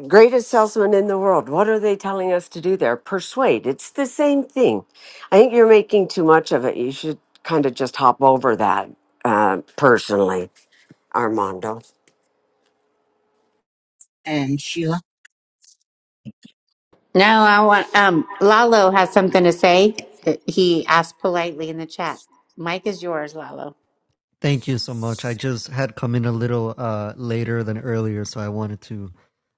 S5: Greatest salesman in the world. What are they telling us to do there? Persuade. It's the same thing. I think you're making too much of it. You should kind of just hop over that, uh, personally, Armando.
S1: And Sheila,
S3: No, I want um Lalo has something to say. He asked politely in the chat. Mike is yours, Lalo.
S6: Thank you so much. I just had come in a little uh, later than earlier, so I wanted to.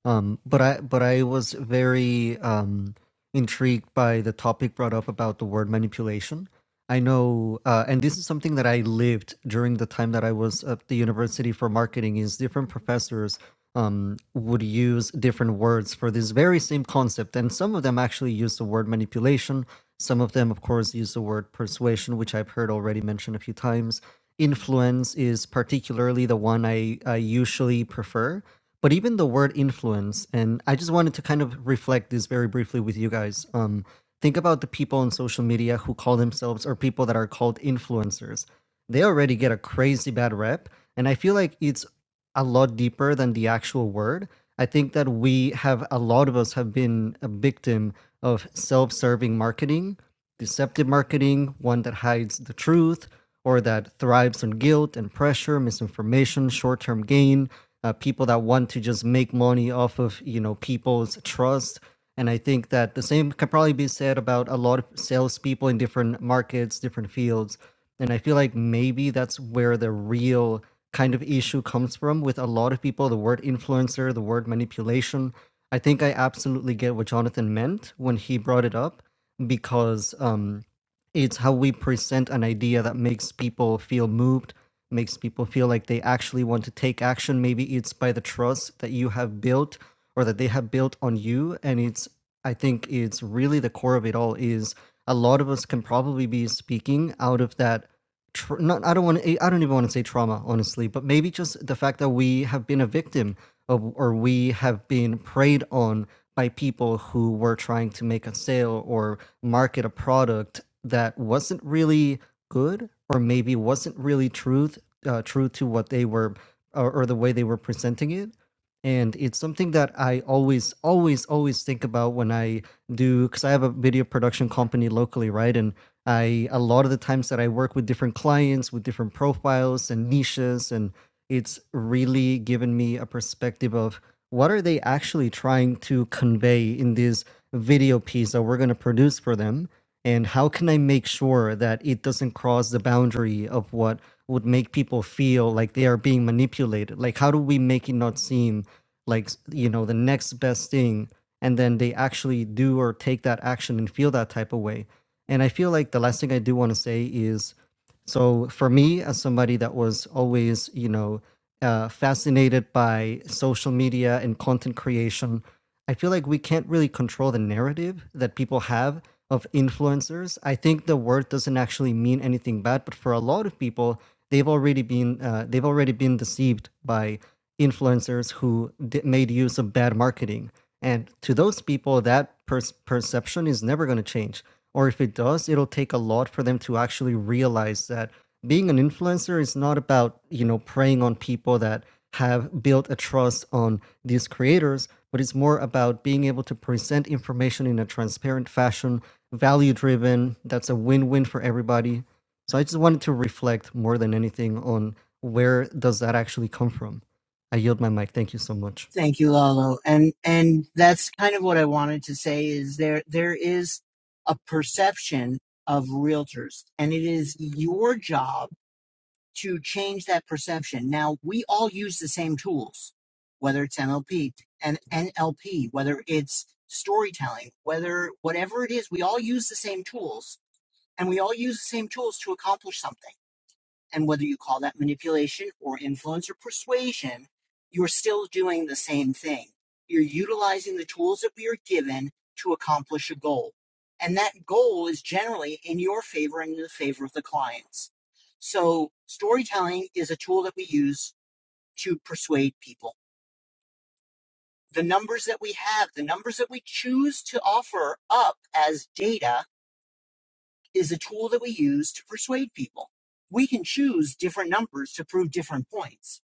S6: Um, but I but I was very um, intrigued by the topic brought up about the word manipulation. I know, uh, and this is something that I lived during the time that I was at the university for marketing. Is different professors um, would use different words for this very same concept, and some of them actually use the word manipulation. Some of them, of course, use the word persuasion, which I've heard already mentioned a few times. Influence is particularly the one I, I usually prefer. But even the word influence, and I just wanted to kind of reflect this very briefly with you guys. Um, Think about the people on social media who call themselves or people that are called influencers. They already get a crazy bad rep. And I feel like it's a lot deeper than the actual word. I think that we have, a lot of us have been a victim of self serving marketing, deceptive marketing, one that hides the truth or that thrives on guilt and pressure, misinformation, short term gain. Uh, people that want to just make money off of you know people's trust and I think that the same can probably be said about a lot of salespeople in different markets, different fields. And I feel like maybe that's where the real kind of issue comes from with a lot of people the word influencer, the word manipulation. I think I absolutely get what Jonathan meant when he brought it up because um, it's how we present an idea that makes people feel moved, makes people feel like they actually want to take action. Maybe it's by the trust that you have built or that they have built on you and it's i think it's really the core of it all is a lot of us can probably be speaking out of that tr- not i don't want to i don't even want to say trauma honestly but maybe just the fact that we have been a victim of or we have been preyed on by people who were trying to make a sale or market a product that wasn't really good or maybe wasn't really truth uh, true to what they were or, or the way they were presenting it and it's something that I always, always, always think about when I do, because I have a video production company locally, right? And I, a lot of the times that I work with different clients with different profiles and niches, and it's really given me a perspective of what are they actually trying to convey in this video piece that we're going to produce for them? And how can I make sure that it doesn't cross the boundary of what would make people feel like they are being manipulated? Like, how do we make it not seem like you know the next best thing and then they actually do or take that action and feel that type of way and i feel like the last thing i do want to say is so for me as somebody that was always you know uh, fascinated by social media and content creation i feel like we can't really control the narrative that people have of influencers i think the word doesn't actually mean anything bad but for a lot of people they've already been uh, they've already been deceived by influencers who did, made use of bad marketing. And to those people, that per- perception is never going to change. Or if it does, it'll take a lot for them to actually realize that being an influencer is not about, you know, preying on people that have built a trust on these creators, but it's more about being able to present information in a transparent fashion, value driven, that's a win win for everybody. So I just wanted to reflect more than anything on where does that actually come from? I yield my mic. Thank you so much.
S1: thank you, Lalo. And and that's kind of what I wanted to say is there there is a perception of realtors, and it is your job to change that perception. Now we all use the same tools, whether it's NLP and NLP, whether it's storytelling, whether whatever it is, we all use the same tools And we all use the same tools to accomplish something. And whether you call that manipulation or influence or persuasion, you're still doing the same thing. You're utilizing the tools that we are given to accomplish a goal. And that goal is generally in your favor and in the favor of the clients. So storytelling is a tool that we use to persuade people. The numbers that we have, the numbers that we choose to offer up as data is a tool that we use to persuade people. We can choose different numbers to prove different points,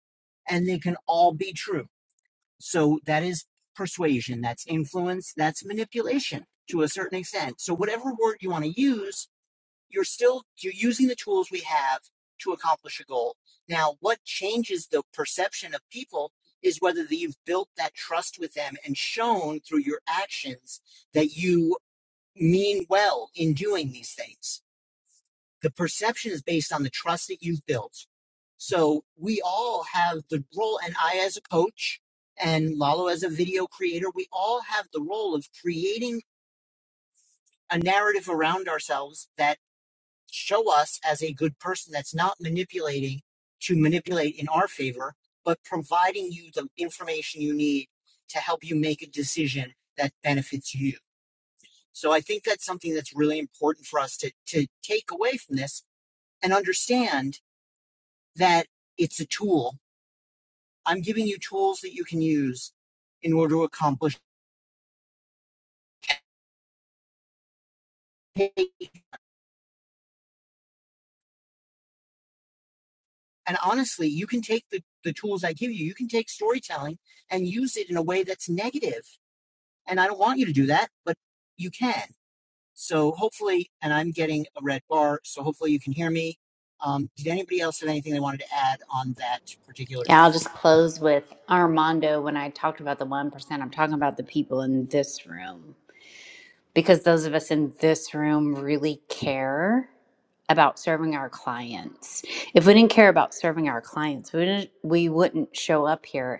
S1: and they can all be true. So that is persuasion, that's influence, that's manipulation to a certain extent. So, whatever word you want to use, you're still you're using the tools we have to accomplish a goal. Now, what changes the perception of people is whether you've built that trust with them and shown through your actions that you mean well in doing these things the perception is based on the trust that you've built. So we all have the role, and I as a coach and Lalo as a video creator, we all have the role of creating a narrative around ourselves that show us as a good person that's not manipulating to manipulate in our favor, but providing you the information you need to help you make a decision that benefits you. So I think that's something that's really important for us to, to take away from this and understand that it's a tool. I'm giving you tools that you can use in order to accomplish. And honestly, you can take the, the tools I give you, you can take storytelling and use it in a way that's negative. And I don't want you to do that, but you can. So hopefully, and I'm getting a red bar, so hopefully you can hear me. Um, did anybody else have anything they wanted to add on that particular
S3: Yeah, I'll just
S1: topic?
S3: close with Armando when I talked about the 1%. I'm talking about the people in this room because those of us in this room really care. about serving our clients. If we didn't care about serving our clients, we didn't, we wouldn't show up here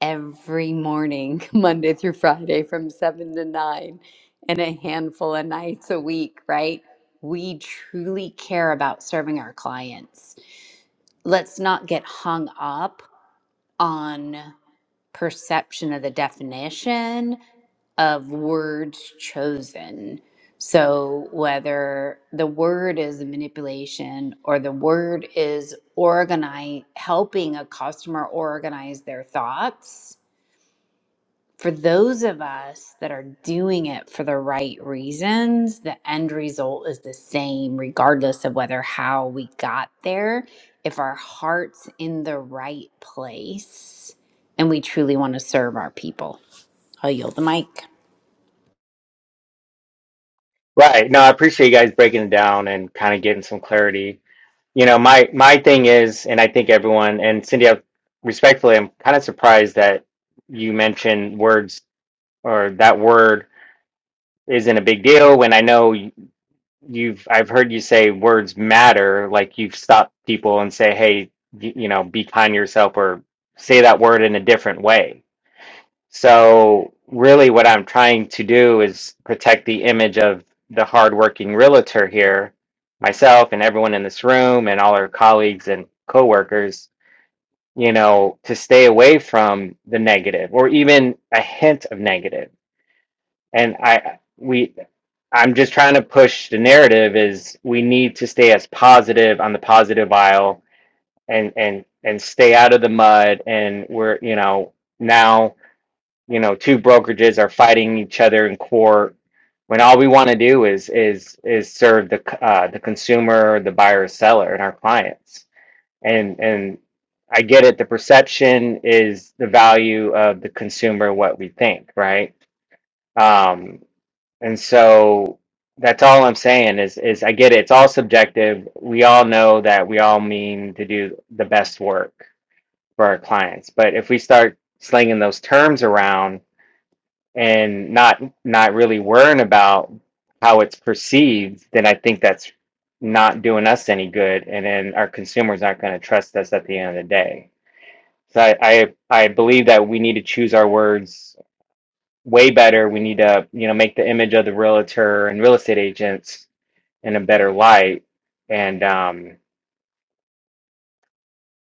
S3: every morning, Monday through Friday from 7 to 9 and a handful of nights a week, right? We truly care about serving our clients. Let's not get hung up on perception of the definition of words chosen. So, whether the word is manipulation or the word is organize, helping a customer organize their thoughts, for those of us that are doing it for the right reasons, the end result is the same, regardless of whether how we got there. If our heart's in the right place and we truly want to serve our people, I'll yield the mic.
S4: Right. No, I appreciate you guys breaking it down and kind of getting some clarity. You know, my my thing is, and I think everyone and Cindy, I respectfully, I'm kind of surprised that you mentioned words or that word isn't a big deal when I know you've I've heard you say words matter like you've stopped people and say hey you know be kind to yourself or say that word in a different way. So really what I'm trying to do is protect the image of the hardworking realtor here myself and everyone in this room and all our colleagues and coworkers you know to stay away from the negative or even a hint of negative and I we I'm just trying to push the narrative is we need to stay as positive on the positive aisle and and and stay out of the mud and we're you know now you know two brokerages are fighting each other in court when all we want to do is is is serve the uh, the consumer the buyer seller and our clients and and I get it the perception is the value of the consumer what we think right Um, and so that's all I'm saying is is I get it. It's all subjective. We all know that we all mean to do the best work for our clients. But if we start slinging those terms around and not not really worrying about how it's perceived, then I think that's not doing us any good, and then our consumers aren't going to trust us at the end of the day. So I, I I believe that we need to choose our words way better. We need to, you know, make the image of the realtor and real estate agents in a better light. And um,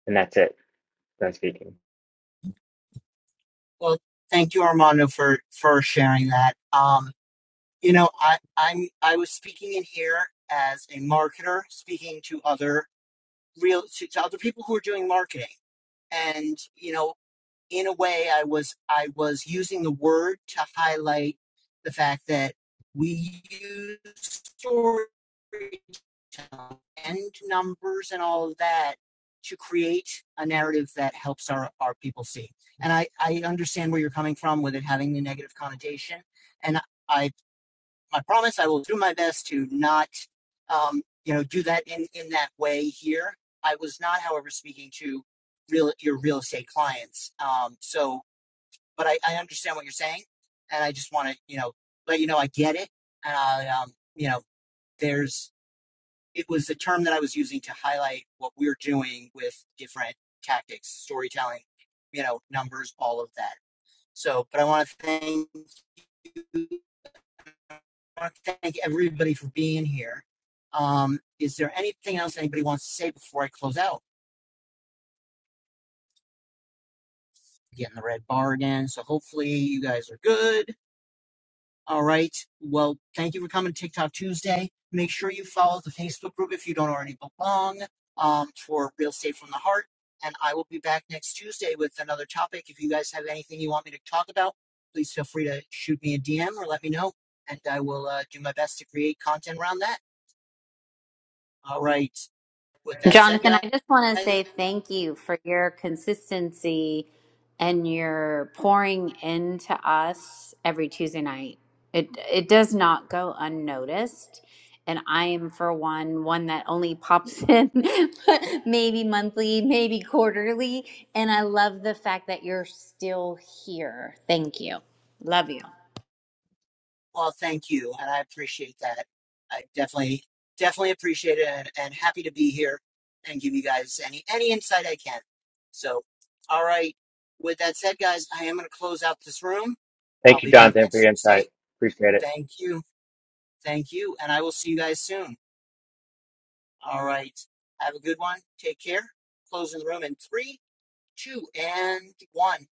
S4: and that's it. Done speaking.
S1: Well, thank you, Armando, for, for sharing that. Um, You know, I, I'm I was speaking in here as a marketer, speaking to other real to, to other people who are doing marketing, and you know, in a way, I was I was using the word to highlight the fact that we use storytelling and numbers and all of that to create a narrative that helps our our people see. And I I understand where you're coming from with it having the negative connotation, and. I my promise. I will do my best to not, um, you know, do that in, in that way here. I was not, however, speaking to real your real estate clients. Um, so, but I, I understand what you're saying, and I just want to, you know, let you know I get it. And I, um, you know, there's it was the term that I was using to highlight what we're doing with different tactics, storytelling, you know, numbers, all of that. So, but I want to thank you want to thank everybody for being here. Um, is there anything else anybody wants to say before I close out? Getting the red bar again. So hopefully you guys are good. All right. Well, thank you for coming to TikTok Tuesday. Make sure you follow the Facebook group if you don't already belong um, for Real Estate from the Heart. And I will be back next Tuesday with another topic. If you guys have anything you want me to talk about, please feel free to shoot me a DM or let me know. And I will uh, do my best to create content around that. All right. With that said,
S3: Jonathan,
S1: guys,
S3: I just want to say thank you for your consistency and your pouring into us every Tuesday night. It it does not go unnoticed, and I am for one one that only pops in maybe monthly, maybe quarterly, and I love the fact that you're still here. Thank you. Love you.
S1: well, thank you, and I appreciate that. I definitely, definitely appreciate it, and, and happy to be here and give you guys any any insight I can. So, all right. With that said, guys, I am going to close out this room. I'll
S4: Thank you,
S1: be back
S4: Jonathan, for
S1: next
S4: your
S1: Tuesday.
S4: insight. Appreciate it.
S1: Thank you, thank you, and I will see you guys soon. All right. Have a good one. Take care. Closing the room in three, two, and one.